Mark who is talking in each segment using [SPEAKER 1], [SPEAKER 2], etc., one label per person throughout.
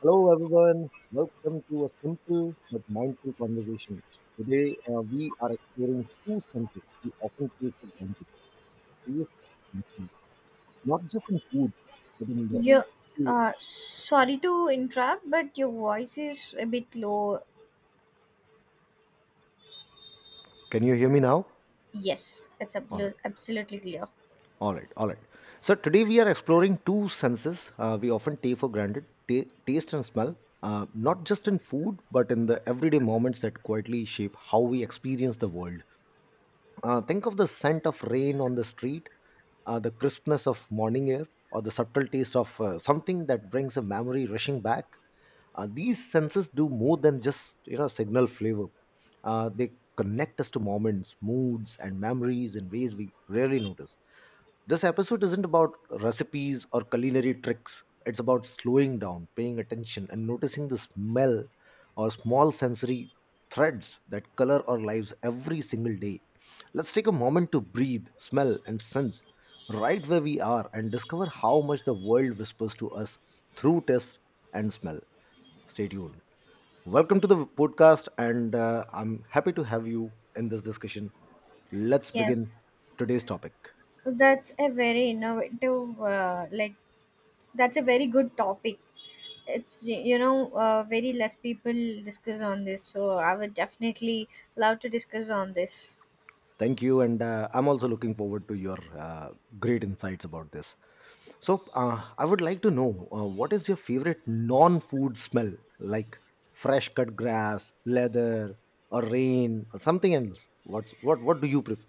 [SPEAKER 1] Hello, everyone. Welcome to a simple but mindful conversation. Today, we are exploring two senses we often take for granted taste and smell, not just in food, but in the.
[SPEAKER 2] You, sorry to interrupt, but your voice is a bit low.
[SPEAKER 1] Can you hear me now?
[SPEAKER 2] Yes, it's
[SPEAKER 1] All right.
[SPEAKER 2] absolutely clear.
[SPEAKER 1] All right. All right. So, today we are exploring two senses we often take for granted taste and smell, not just in food, but in the everyday moments that quietly shape how we experience the world. Think of the scent of rain on the street, the crispness of morning air, or the subtle taste of something that brings a memory rushing back. These senses do more than just signal flavor. They connect us to moments, moods, and memories in ways we rarely notice. This episode isn't about recipes or culinary tricks. It's about slowing down, paying attention, and noticing the smell or small sensory threads that color our lives every single day. Let's take a moment to breathe, smell, and sense right where we are and discover how much the world whispers to us through taste and smell. Stay tuned. Welcome to the podcast, and I'm happy to have you in this discussion. Let's
[SPEAKER 2] Yeah,
[SPEAKER 1] begin today's topic.
[SPEAKER 2] that's a very innovative, that's a very good topic. It's very less people discuss on this, so I would definitely love to discuss on this.
[SPEAKER 1] Thank you, and I'm also looking forward to your great insights about this. So, I would like to know what is your favorite non food smell, like fresh cut grass, leather, or rain, or something else? What do you prefer?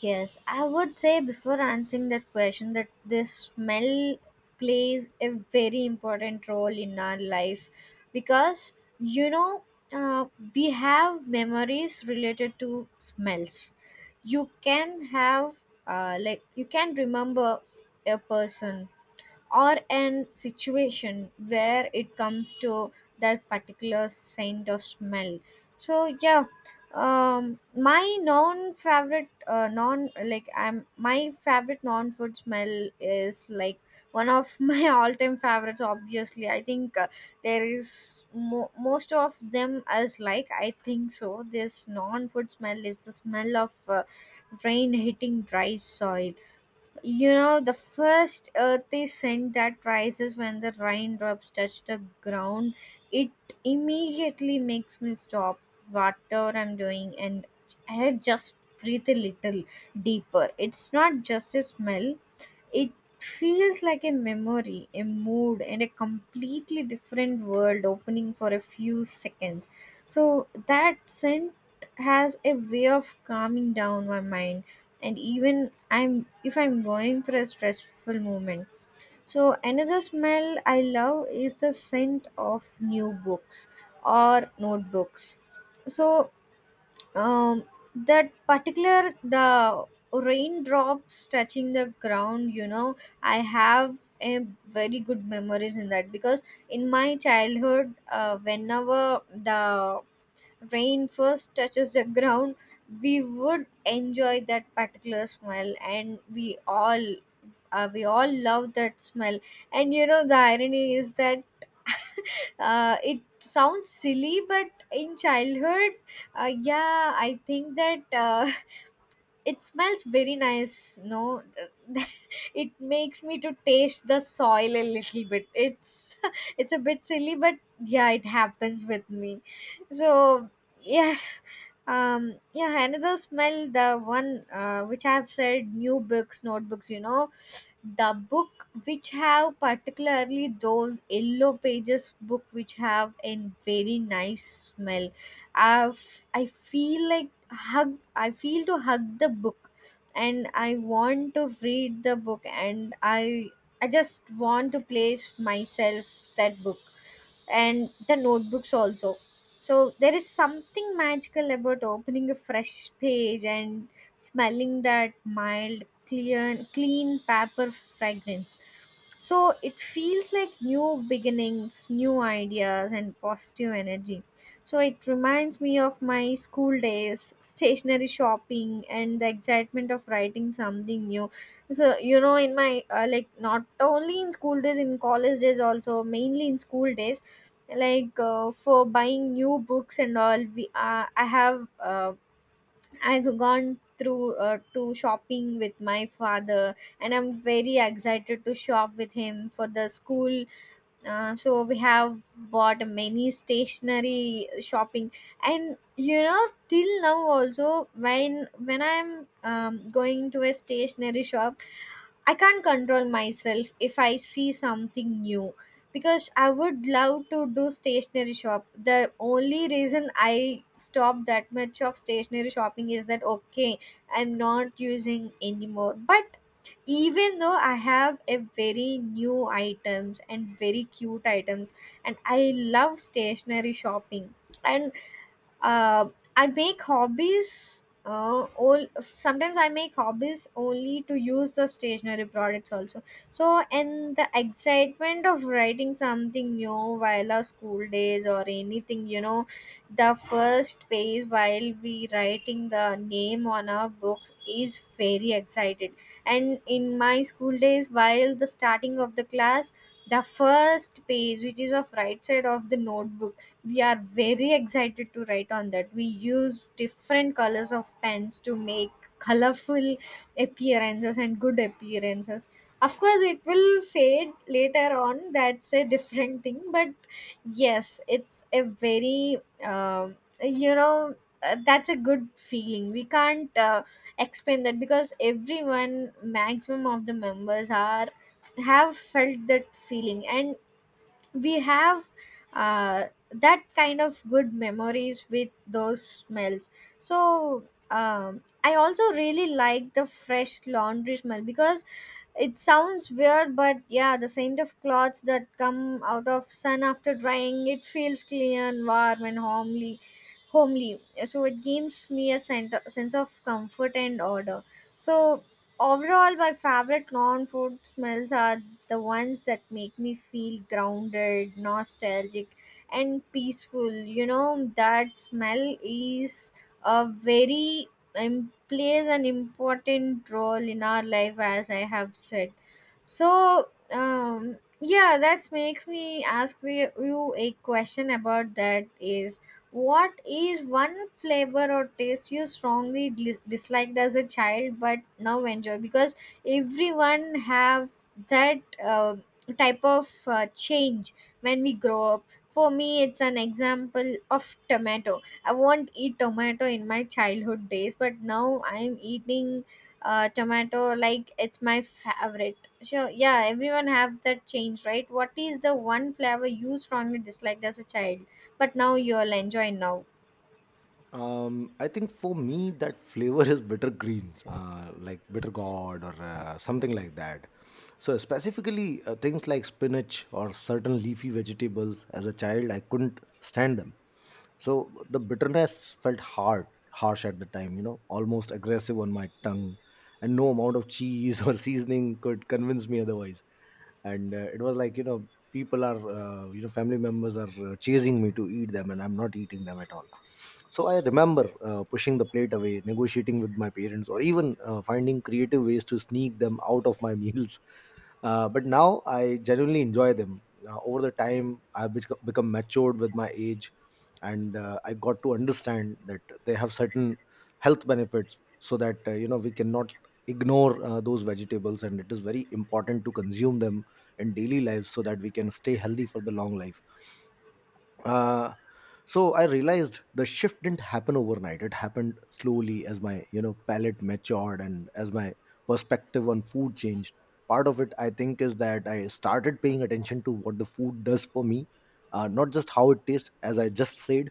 [SPEAKER 2] Yes, I would say before answering that question that this smell plays a very important role in our life because you know uh, we have memories related to smells. You can have you can remember a person or an situation where it comes to that particular scent or smell. So yeah, my non favorite non like I'm my favorite non food smell is like one of my all time favorites. Obviously I think, there is most of them as like. I think so this non food smell is the smell of rain hitting dry soil. You know, the first earthy scent that rises when the raindrops touch the ground, it immediately makes me stop whatever I'm doing, and I just breathe a little deeper. It's not just a smell, it feels like a memory, a mood, and a completely different world opening for a few seconds. So that scent has a way of calming down my mind, and even I'm if I'm going through a stressful moment. So another smell I love is the scent of new books or notebooks. So um, that particular, the raindrops touching the ground, you know, I have a very good memories in that, because in my childhood, whenever the rain first touches the ground, we would enjoy that particular smell, and we all love that smell. And you know, the irony is that it sounds silly, but in childhood, uh, yeah, I think that, it smells very nice, no. It makes me to taste the soil a little bit. It's it's a bit silly, but yeah, it happens with me. So yes. Yeah, another smell, the one which I have said, new books, notebooks. You know, the book which have particularly those yellow pages, book which have a very nice smell. I feel like hug, I feel to hug the book, and I want to read the book, and I just want to place myself that book, and the notebooks also. So there is something magical about opening a fresh page and smelling that mild, clear, clean paper fragrance. So it feels like new beginnings, new ideas, and positive energy. So it reminds me of my school days, stationery shopping, and the excitement of writing something new. So you know, in my not only in school days, in college days also, mainly in school days, like for buying new books and all. We I have I've gone through to shopping with my father, and I'm very excited to shop with him for the school. So we have bought many stationery shopping, and you know, till now also, when I'm going to a stationery shop, I can't control myself if I see something new, because I would love to do stationery shop. The only reason I stop that much of stationery shopping is that okay, I'm not using anymore. But even though I have a very new items and very cute items, and I love stationery shopping, and uh, I make hobbies. All sometimes I make hobbies only to use the stationery products also. So and the excitement of writing something new while our school days or anything, you know, the first page while we writing the name on our books is very excited. And in my school days, while the starting of the class, the first page which is of right side of the notebook, we are very excited to write on that. We use different colors of pens to make colorful appearances and good appearances. Of course it will fade later on, that's a different thing, but yes, it's a very um you know that's a good feeling. We can't explain that, because everyone, maximum of the members are, have felt that feeling, and we have uh, that kind of good memories with those smells. So I also really like the fresh laundry smell, because it sounds weird, but yeah, the scent of clothes that come out of sun after drying, it feels clean and warm and homely. Homely, so it gives me a scent, sense of comfort and order. So overall, my favorite non-food smells are the ones that make me feel grounded, nostalgic, and peaceful. You know that smell is a very plays an important role in our life, as I have said. So, yeah, that makes me ask you a question about that, is what is one flavor or taste you strongly disliked as a child but now enjoy? Because everyone have that type of change when we grow up. For me, it's an example of tomato. I won't eat tomato in my childhood days, but now I'm eating tomato, like it's my favorite. Sure, yeah, everyone have that change, right? What is the one flavor you strongly disliked as a child, but now you'll enjoy now?
[SPEAKER 1] I think for me that flavor is bitter greens, like bitter gourd or something like that. So specifically things like spinach or certain leafy vegetables. As a child, I couldn't stand them. So the bitterness felt hard, harsh at the time. You know, almost aggressive on my tongue, and no amount of cheese or seasoning could convince me otherwise. And it was like people are family members are chasing me to eat them, and I'm not eating them at all. So I remember pushing the plate away, negotiating with my parents, or even finding creative ways to sneak them out of my meals. But now I genuinely enjoy them. Over the time, I've become matured with my age, and I got to understand that they have certain health benefits, so that you know, we cannot ignore those vegetables, and it is very important to consume them and daily lives so that we can stay healthy for the long life. uh, so I realized the shift didn't happen overnight. It happened slowly as my, you know, palate matured and as my perspective on food changed. Part of it, I think, is that I started paying attention to what the food does for me, not just how it tastes. As I just said,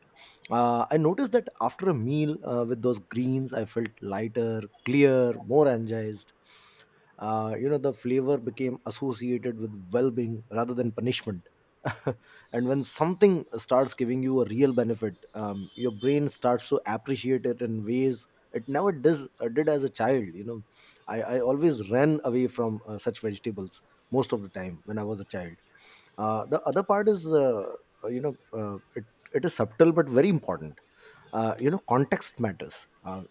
[SPEAKER 1] I noticed that after a meal with those greens, I felt lighter, clear, more energized. You know, the flavor became associated with well-being rather than punishment. And when something starts giving you a real benefit, your brain starts to appreciate it in ways it never does, did as a child. You know, I always ran away from such vegetables most of the time when I was a child. The other part is you know, it is subtle but very important. You know, context matters. Uh,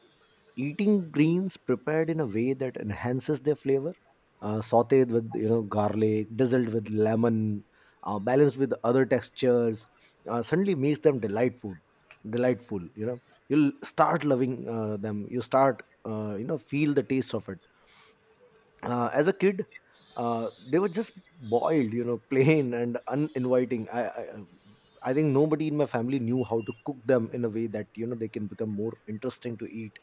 [SPEAKER 1] Eating greens prepared in a way that enhances their flavor, sauteed with, you know, garlic, drizzled with lemon, balanced with other textures, suddenly makes them delightful. You know, you'll start loving them. You start you know, feel the taste of it. As a kid, they were just boiled, you know, plain and uninviting. I think nobody in my family knew how to cook them in a way that, you know, they can become more interesting to eat.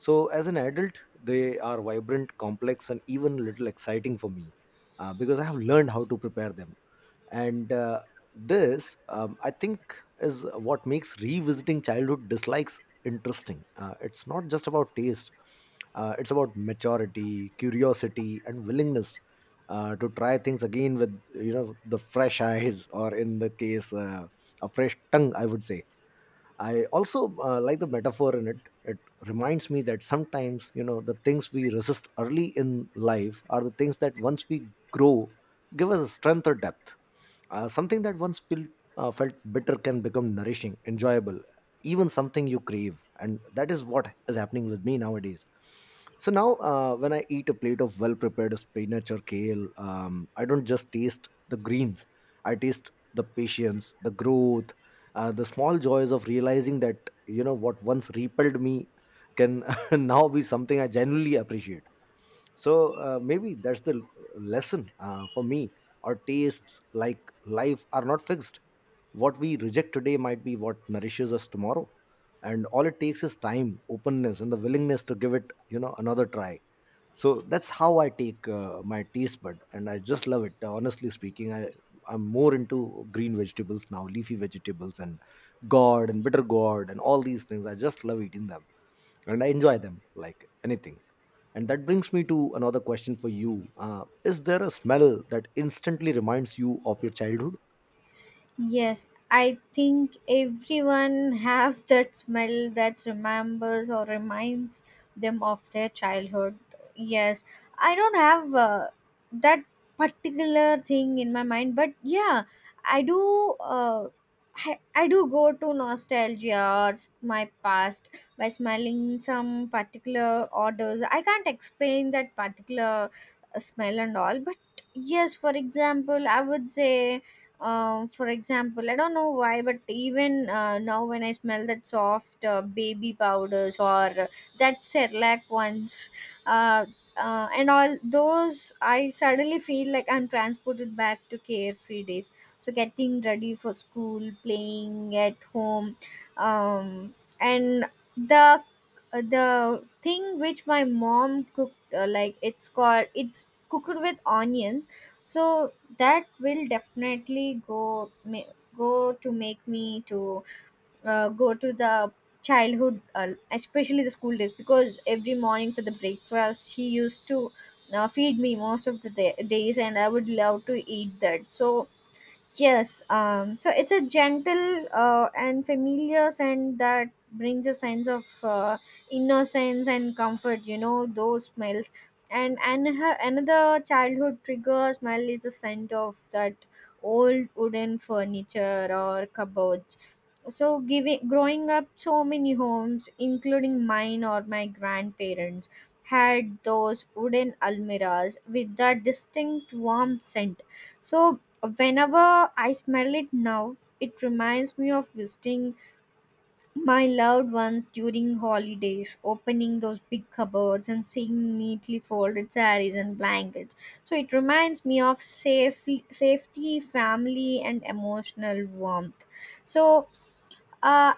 [SPEAKER 1] So as an adult, they are vibrant, complex, and even a little exciting for me, because I have learned how to prepare them. And I think, is what makes revisiting childhood dislikes interesting. It's not just about taste; it's about maturity, curiosity, and willingness to try things again with, you know, the fresh eyes, or in the case, a fresh tongue, I would say. I also like the metaphor in it. It reminds me that sometimes, you know, the things we resist early in life are the things that, once we grow, give us a strength or depth. Something that once felt bitter can become nourishing, enjoyable, even something you crave. And that is what is happening with me nowadays. So now, when I eat a plate of well prepared spinach or kale, I don't just taste the greens, I taste the patience, the growth, the small joys of realizing that, you know, what once repelled me can now be something I genuinely appreciate. So maybe that's the lesson for me. Our tastes, like life, are not fixed. What we reject today might be what nourishes us tomorrow, and all it takes is time, openness, and the willingness to give it, you know, another try. So that's how I take my taste bud, and I just love it. Honestly speaking, I'm more into green vegetables now, leafy vegetables and gourd and bitter gourd, and all these things I just love eating them, and I enjoy them like anything. And that brings me to another question for you: is there a smell that instantly reminds you of your childhood?
[SPEAKER 2] Yes, I think everyone have that smell that remembers or reminds them of their childhood. Yes, I don't have that particular thing in my mind, but yeah, I do. I do go to nostalgia or my past by smelling some particular odors. I can't explain that particular smell and all, but yes, for example, I would say for example, I don't know why, but even now when I smell that soft baby powders or that Cerelac ones, uh, and all those, I suddenly feel like I'm transported back to carefree days. So getting ready for school, playing at home, um, and the the thing which my mom cooked, like it's called, it's cooked with onions, so that will definitely go to make me to go to the childhood, especially the school days, because every morning for the breakfast, he used to feed me most of the days, and I would love to eat that. So yes, so it's a gentle and familiar scent that brings a sense of innocence and comfort, you know, those smells. And her, another childhood trigger smell is the scent of that old wooden furniture or cupboards. So, giving growing up, so many homes, including mine or my grandparents, had those wooden almiras with that distinct warm scent. So, whenever I smell it now, it reminds me of visiting my loved ones during holidays, opening those big cupboards and seeing neatly folded saris and blankets. So it reminds me of safe, safety, family, and emotional warmth. So uh,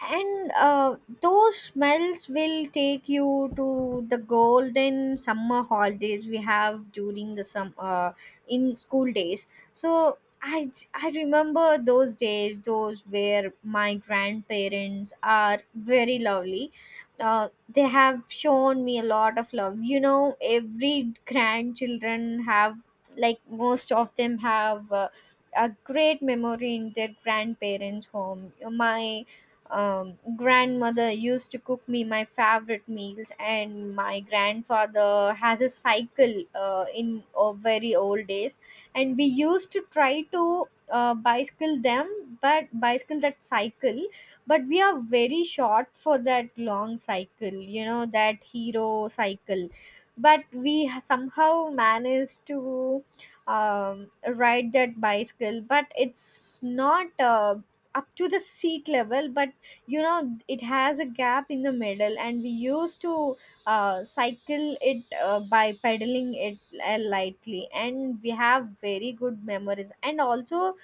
[SPEAKER 2] and those smells will take you to the golden summer holidays we have during the sum in school days. So I remember those days, those where my grandparents are very lovely. They have shown me a lot of love. You know, every grandchildren have, like most of them have a great memory in their grandparents' home. My grandmother used to cook me my favorite meals, and my grandfather has a cycle in very old days, and we used to try to bicycle them, but bicycle that cycle, but we are very short for that long cycle. You know that hero cycle, but somehow managed to ride that bicycle, but it's not up to the seat level. But you know, it has a gap in the middle, and we used to cycle it by pedaling it lightly. And we have very good memories, and also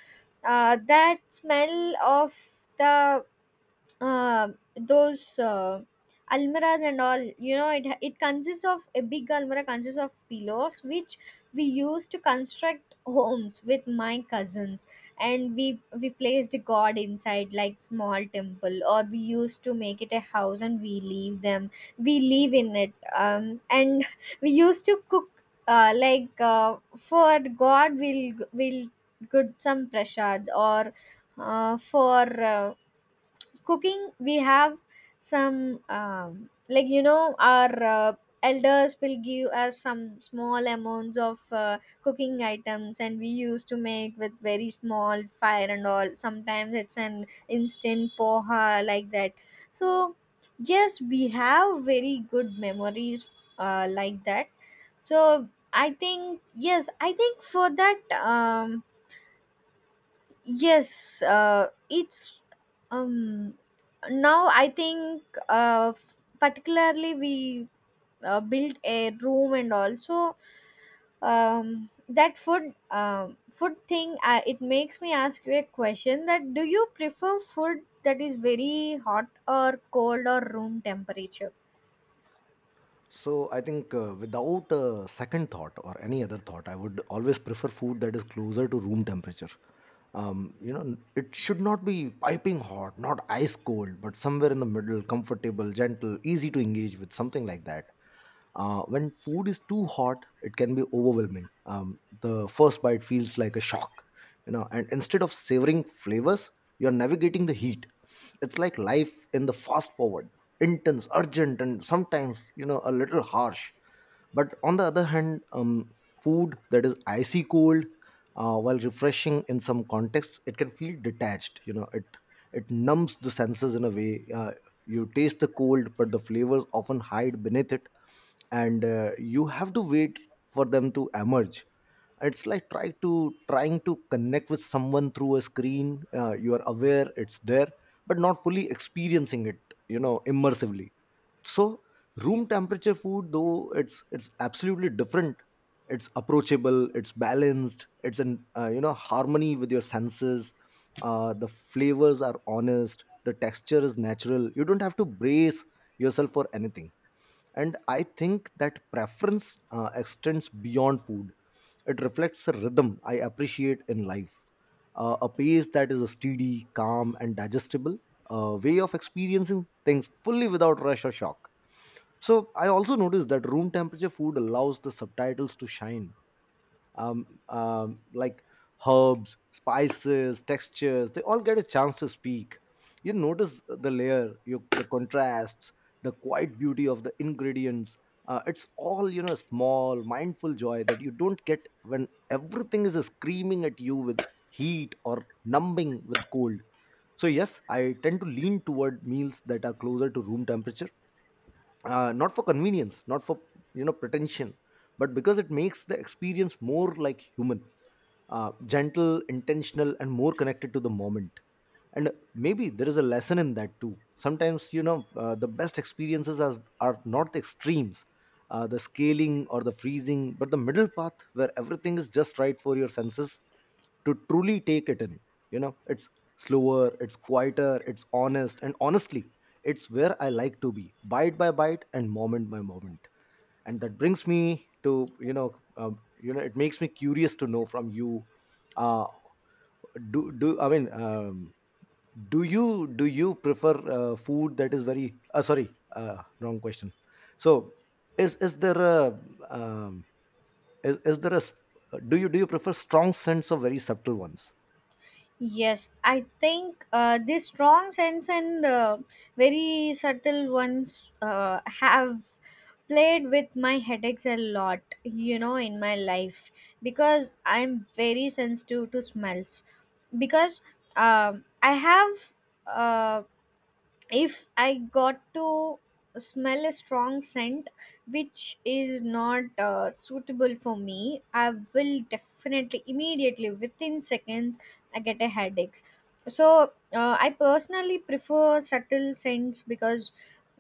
[SPEAKER 2] that smell of the uh, those almiras and all. You know, it consists of a big almirah, consists of pillows which we used to construct homes with my cousins. And we placed god inside, like small temple, or we used to make it a house and we leave them, we live in it. And we used to cook for god we'll good some prashads. Or for uh, cooking, we have some like you know our elders will give us some small amounts of cooking items, and we used to make with very small fire and all. Sometimes it's an instant poha, like that. So yes, we have very good memories, like that. So I think, yes, I think for that. um Yes, it's um, now I think particularly we built a room. And also, that food, food thing, it makes me ask you a question that do you prefer food that is very hot or cold or room temperature?
[SPEAKER 1] So I think without a second thought or any other thought, I would always prefer food that is closer to room temperature. You know, it should not be piping hot, not ice cold, but somewhere in the middle, comfortable, gentle, easy to engage with, something like that. When food is too hot, it can be overwhelming. The first bite feels like a shock, you know. And instead of savoring flavors, you're navigating the heat. It's like life in the fast forward, intense, urgent, and sometimes, you know, a little harsh. But on the other hand, food that is icy cold, while refreshing in some contexts, it can feel detached. You know, it numbs the senses in a way. You taste the cold, but the flavors often hide beneath it, and you have to wait for them to emerge. It's like trying to connect with someone through a screen. You are aware it's there, but not fully experiencing it, you know, immersively. So room temperature food, though, it's absolutely different. It's approachable, it's balanced, it's in you know, harmony with your senses. The flavors are honest, the texture is natural, you don't have to brace yourself for anything. And I think that preference extends beyond food. It reflects a rhythm I appreciate in life, a pace that is steady, calm, and digestible, a way of experiencing things fully without rush or shock. So I also noticed that room temperature food allows the subtitles to shine, like herbs, spices, textures, they all get a chance to speak. You notice the layer, the contrasts, the quiet beauty of the ingredients. It's all, you know, small, mindful joy that you don't get when everything is screaming at you with heat or numbing with cold. So yes, I tend to lean toward meals that are closer to room temperature, not for convenience, not for, you know, pretension, but because it makes the experience more like human, gentle, intentional, and more connected to the moment. And maybe there is a lesson in that too. Sometimes, you know, the best experiences are not the extremes, the scaling or the freezing, but the middle path where everything is just right for your senses to truly take it in. You know, it's slower, it's quieter, it's honest, and honestly, it's where I like to be, bite by bite and moment by moment. And that brings me to, you know, you know, it makes me curious to know from you, uh do do I mean do you prefer food that is very sorry, wrong question. So is there a, um, is there do you prefer strong scents or very subtle ones?
[SPEAKER 2] Yes, I think this strong sense and very subtle ones have played with my headaches a lot, you know, in my life, because I'm very sensitive to smells. Because I have uh, if I got to smell a strong scent which is not suitable for me, I will definitely immediately within seconds I get a headaches. So I personally prefer subtle scents, because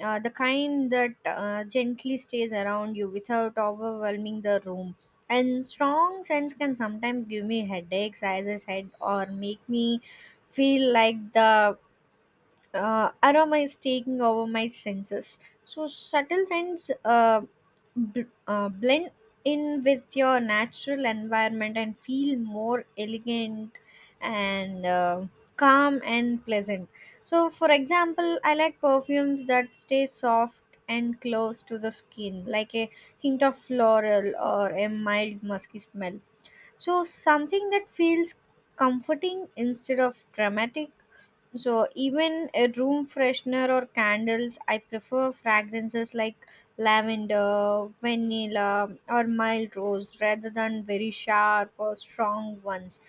[SPEAKER 2] the kind that gently stays around you without overwhelming the room. And strong scents can sometimes give me headaches, as I said, or make me feel like the aroma is taking over my senses. So subtle scents blend in with your natural environment and feel more elegant and calm and pleasant. So, for example, I like perfumes that stay soft and close to the skin, like a hint of floral or a mild musky smell. So, something that feels comforting instead of dramatic. So even a room freshener or candles, I prefer fragrances like lavender, vanilla, or mild rose, rather than very sharp or strong ones.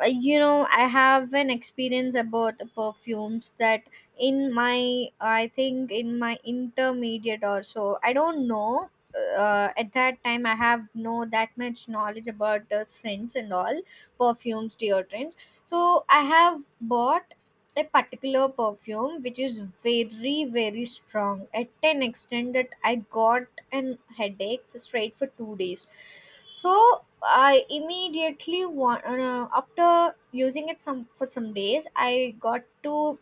[SPEAKER 2] You know, I have an experience about the perfumes that in my, I think in my intermediate or so, I don't know. At that time, I have no that much knowledge about the scents and all, perfumes, deodorants. So I have bought a particular perfume which is very very strong, at an extent that I got an headache for straight for 2 days. So I immediately want, after using it some, for some days I got to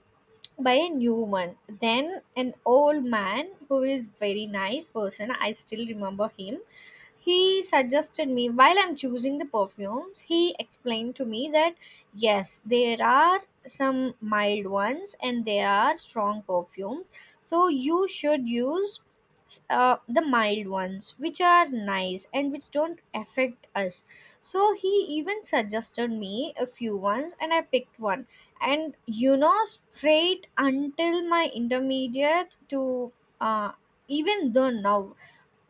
[SPEAKER 2] buy a new one. Then an old man who is very nice person, I still remember him, he suggested me while I'm choosing the perfumes, he explained to me that yes, there are some mild ones and there are strong perfumes. So you should use the mild ones, which are nice and which don't affect us. So he even suggested me a few ones and I picked one. And you know, sprayed until my intermediate to uh, even though now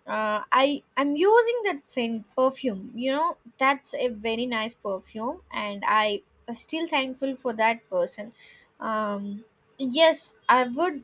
[SPEAKER 2] I'm using that scent perfume. You know, that's a very nice perfume, and I am still thankful for that person. Um, yes, I would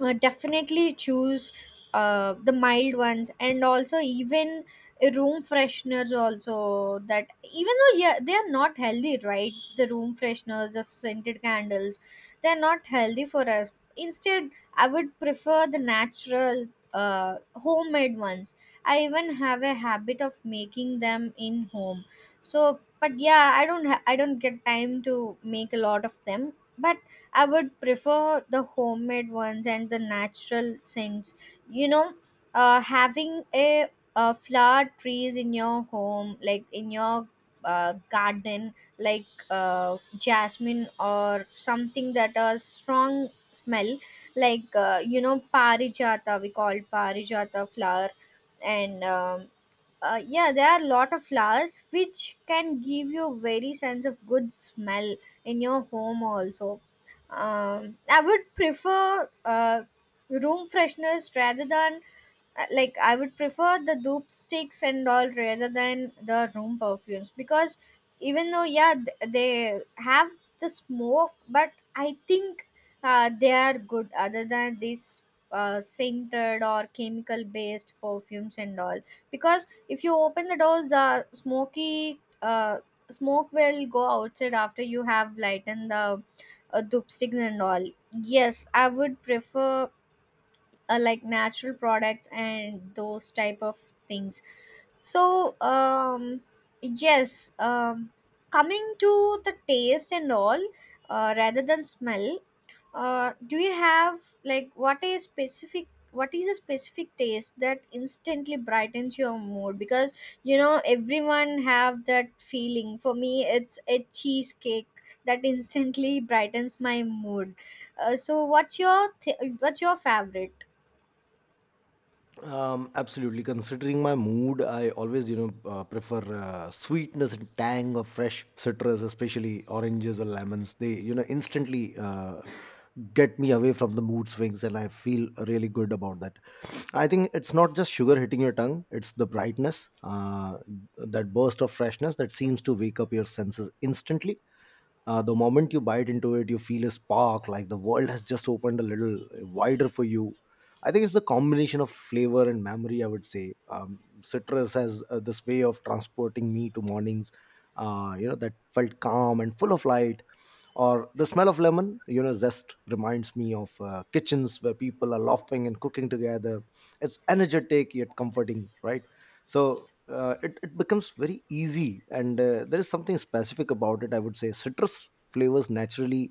[SPEAKER 2] definitely choose the mild ones. And also, even room fresheners also, that even though, yeah, they are not healthy, right? The room fresheners, the scented candles, they're not healthy for us. Instead, I would prefer the natural homemade ones. I even have a habit of making them in home. So but yeah, I don't get time to make a lot of them. But I would prefer the homemade ones and the natural scents. You know, having a, flower trees in your home, like in your garden, like jasmine or something that has strong smell, like you know, parijata, we call parijata flower. And yeah, there are a lot of flowers which can give you a very sense of good smell in your home also. I would prefer room freshness rather than like, I would prefer the dupe sticks and all rather than the room perfumes, because even though, yeah, they have the smoke, but I think they are good, other than these scented or chemical based perfumes and all. Because if you open the doors, the smoky smoke will go outside after you have lightened the dupe sticks and all. Yes, I would prefer like natural products and those type of things. So yes, coming to the taste and all, rather than smell, do you have like, what is specific, what is a specific taste that instantly brightens your mood? Because you know, everyone have that feeling. For me, it's a cheesecake that instantly brightens my mood. So what's your favorite?
[SPEAKER 1] Absolutely. Considering my mood, I always, you know, prefer sweetness and tang of fresh citrus, especially oranges or lemons. They, you know, instantly get me away from the mood swings, and I feel really good about that. I think it's not just sugar hitting your tongue; it's the brightness, that burst of freshness that seems to wake up your senses instantly. The moment you bite into it, you feel a spark, like the world has just opened a little wider for you. I think it's the combination of flavor and memory, I would say. Citrus has this way of transporting me to mornings you know, that felt calm and full of light, or the smell of lemon, you know, zest reminds me of kitchens where people are laughing and cooking together. It's energetic yet comforting, right? So it becomes very easy, and there is something specific about it. I would say citrus flavors naturally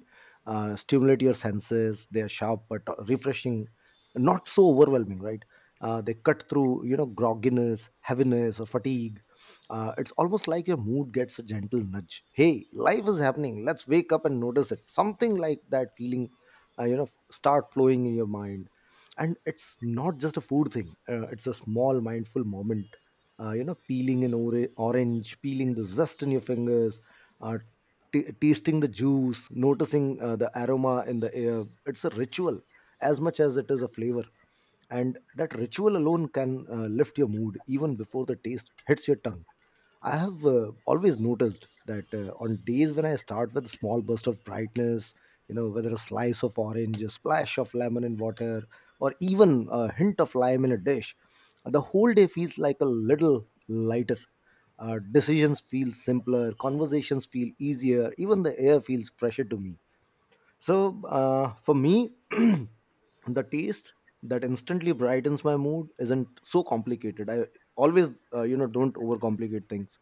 [SPEAKER 1] stimulate your senses. They are sharp but refreshing, not so overwhelming, right? They cut through, you know, grogginess, heaviness, or fatigue. It's almost like your mood gets a gentle nudge: hey, life is happening, let's wake up and notice it. Something like that feeling, you know, start flowing in your mind. And it's not just a food thing. It's a small mindful moment. You know, peeling an orange, peeling the zest in your fingers, uh, tasting the juice, noticing the aroma in the air. It's a ritual as much as it is a flavor. And that ritual alone can lift your mood even before the taste hits your tongue. I have always noticed that on days when I start with a small burst of brightness, you know, whether a slice of orange, a splash of lemon in water, or even a hint of lime in a dish, the whole day feels like a little lighter. Decisions feel simpler, conversations feel easier, even the air feels fresher to me. So, for me, the taste that instantly brightens my mood isn't so complicated. I always, you know, don't overcomplicate things.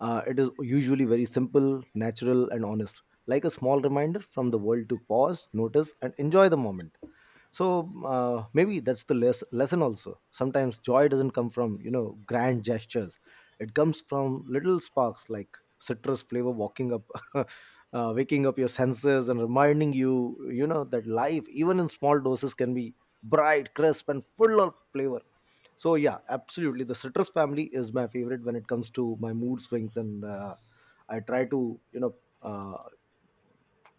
[SPEAKER 1] It is usually very simple, natural, and honest, like a small reminder from the world to pause, notice, and enjoy the moment. So maybe that's the lesson also. Sometimes joy doesn't come from, you know, grand gestures; it comes from little sparks like citrus flavor walking up. Waking up your senses and reminding you, you know, that life, even in small doses, can be bright, crisp, and full of flavor. So yeah, absolutely. The citrus family is my favorite when it comes to my mood swings, and I try to, you know, uh,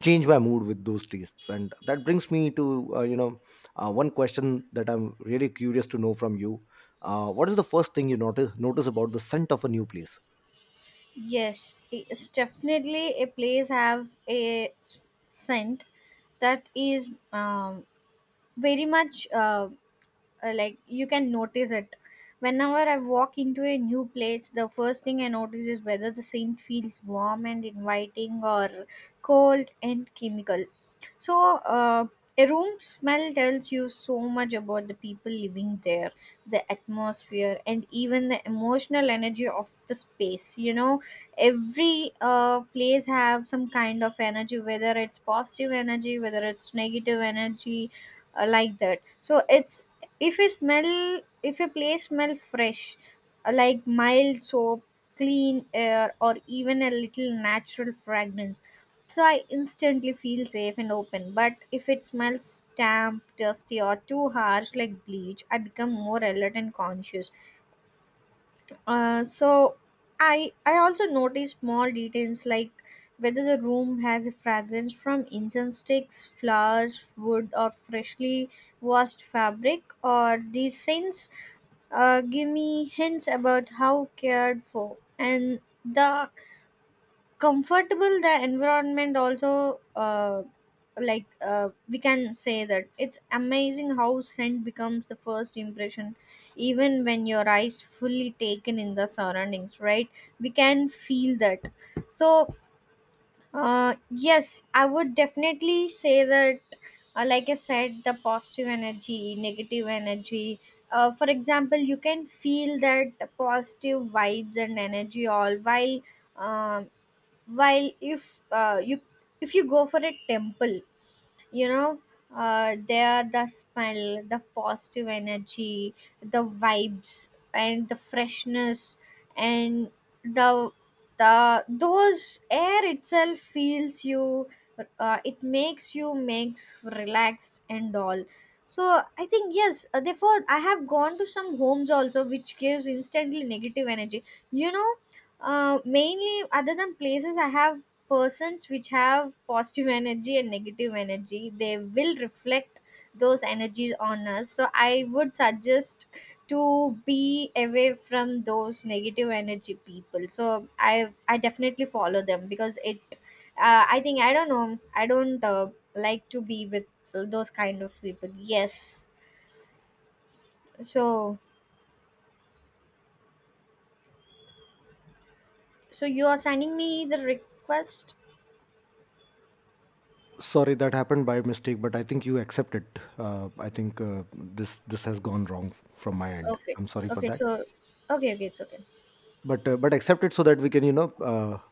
[SPEAKER 1] change my mood with those tastes. And that brings me to, you know, one question that I'm really curious to know from you. What is the first thing you notice about the scent of a new place?
[SPEAKER 2] Yes, it's definitely a place have a scent that is very much like you can notice it. Whenever I walk into a new place, the first thing I notice is whether the scent feels warm and inviting or cold and chemical. So a room smell tells you so much about the people living there, the atmosphere, and even the emotional energy of the space. You know, every place have some kind of energy, whether it's positive energy, whether it's negative energy, like that. So it's, if a smell, if a place smell fresh, like mild soap, clean air, or even a little natural fragrance, so I instantly feel safe and open. But if it smells damp, dusty, or too harsh, like bleach, I become more alert and conscious. So I also notice small details like whether the room has a fragrance from incense sticks, flowers, wood, or freshly washed fabric. Or these scents give me hints about how cared for and the comfortable the environment. Also we can say that it's amazing how scent becomes the first impression, even when your eyes fully taken in the surroundings, right? We can feel that. So yes, I would definitely say that, like I said, the positive energy, negative energy. For example, you can feel that positive vibes and energy all um, while if you if you go for a temple, you know, they are the smell, the positive energy, the vibes, and the freshness. And the the those air itself feels you, it makes you, makes relaxed and all. So I think yes, therefore I have gone to some homes also which gives instantly negative energy, you know. Mainly, other than places, I have persons which have positive energy and negative energy, they will reflect those energies on us. So I would suggest to be away from those negative energy people. So I definitely follow them, because it, I think, I don't know, I don't like to be with those kind of people. Yes. So, so you are sending me the request?
[SPEAKER 1] Sorry, that happened by mistake, but I think you accept it. I think this has gone wrong from my end.
[SPEAKER 2] Okay.
[SPEAKER 1] I'm sorry for
[SPEAKER 2] Okay,
[SPEAKER 1] that,
[SPEAKER 2] so, okay, okay, it's okay.
[SPEAKER 1] but accept it so that we can, you know,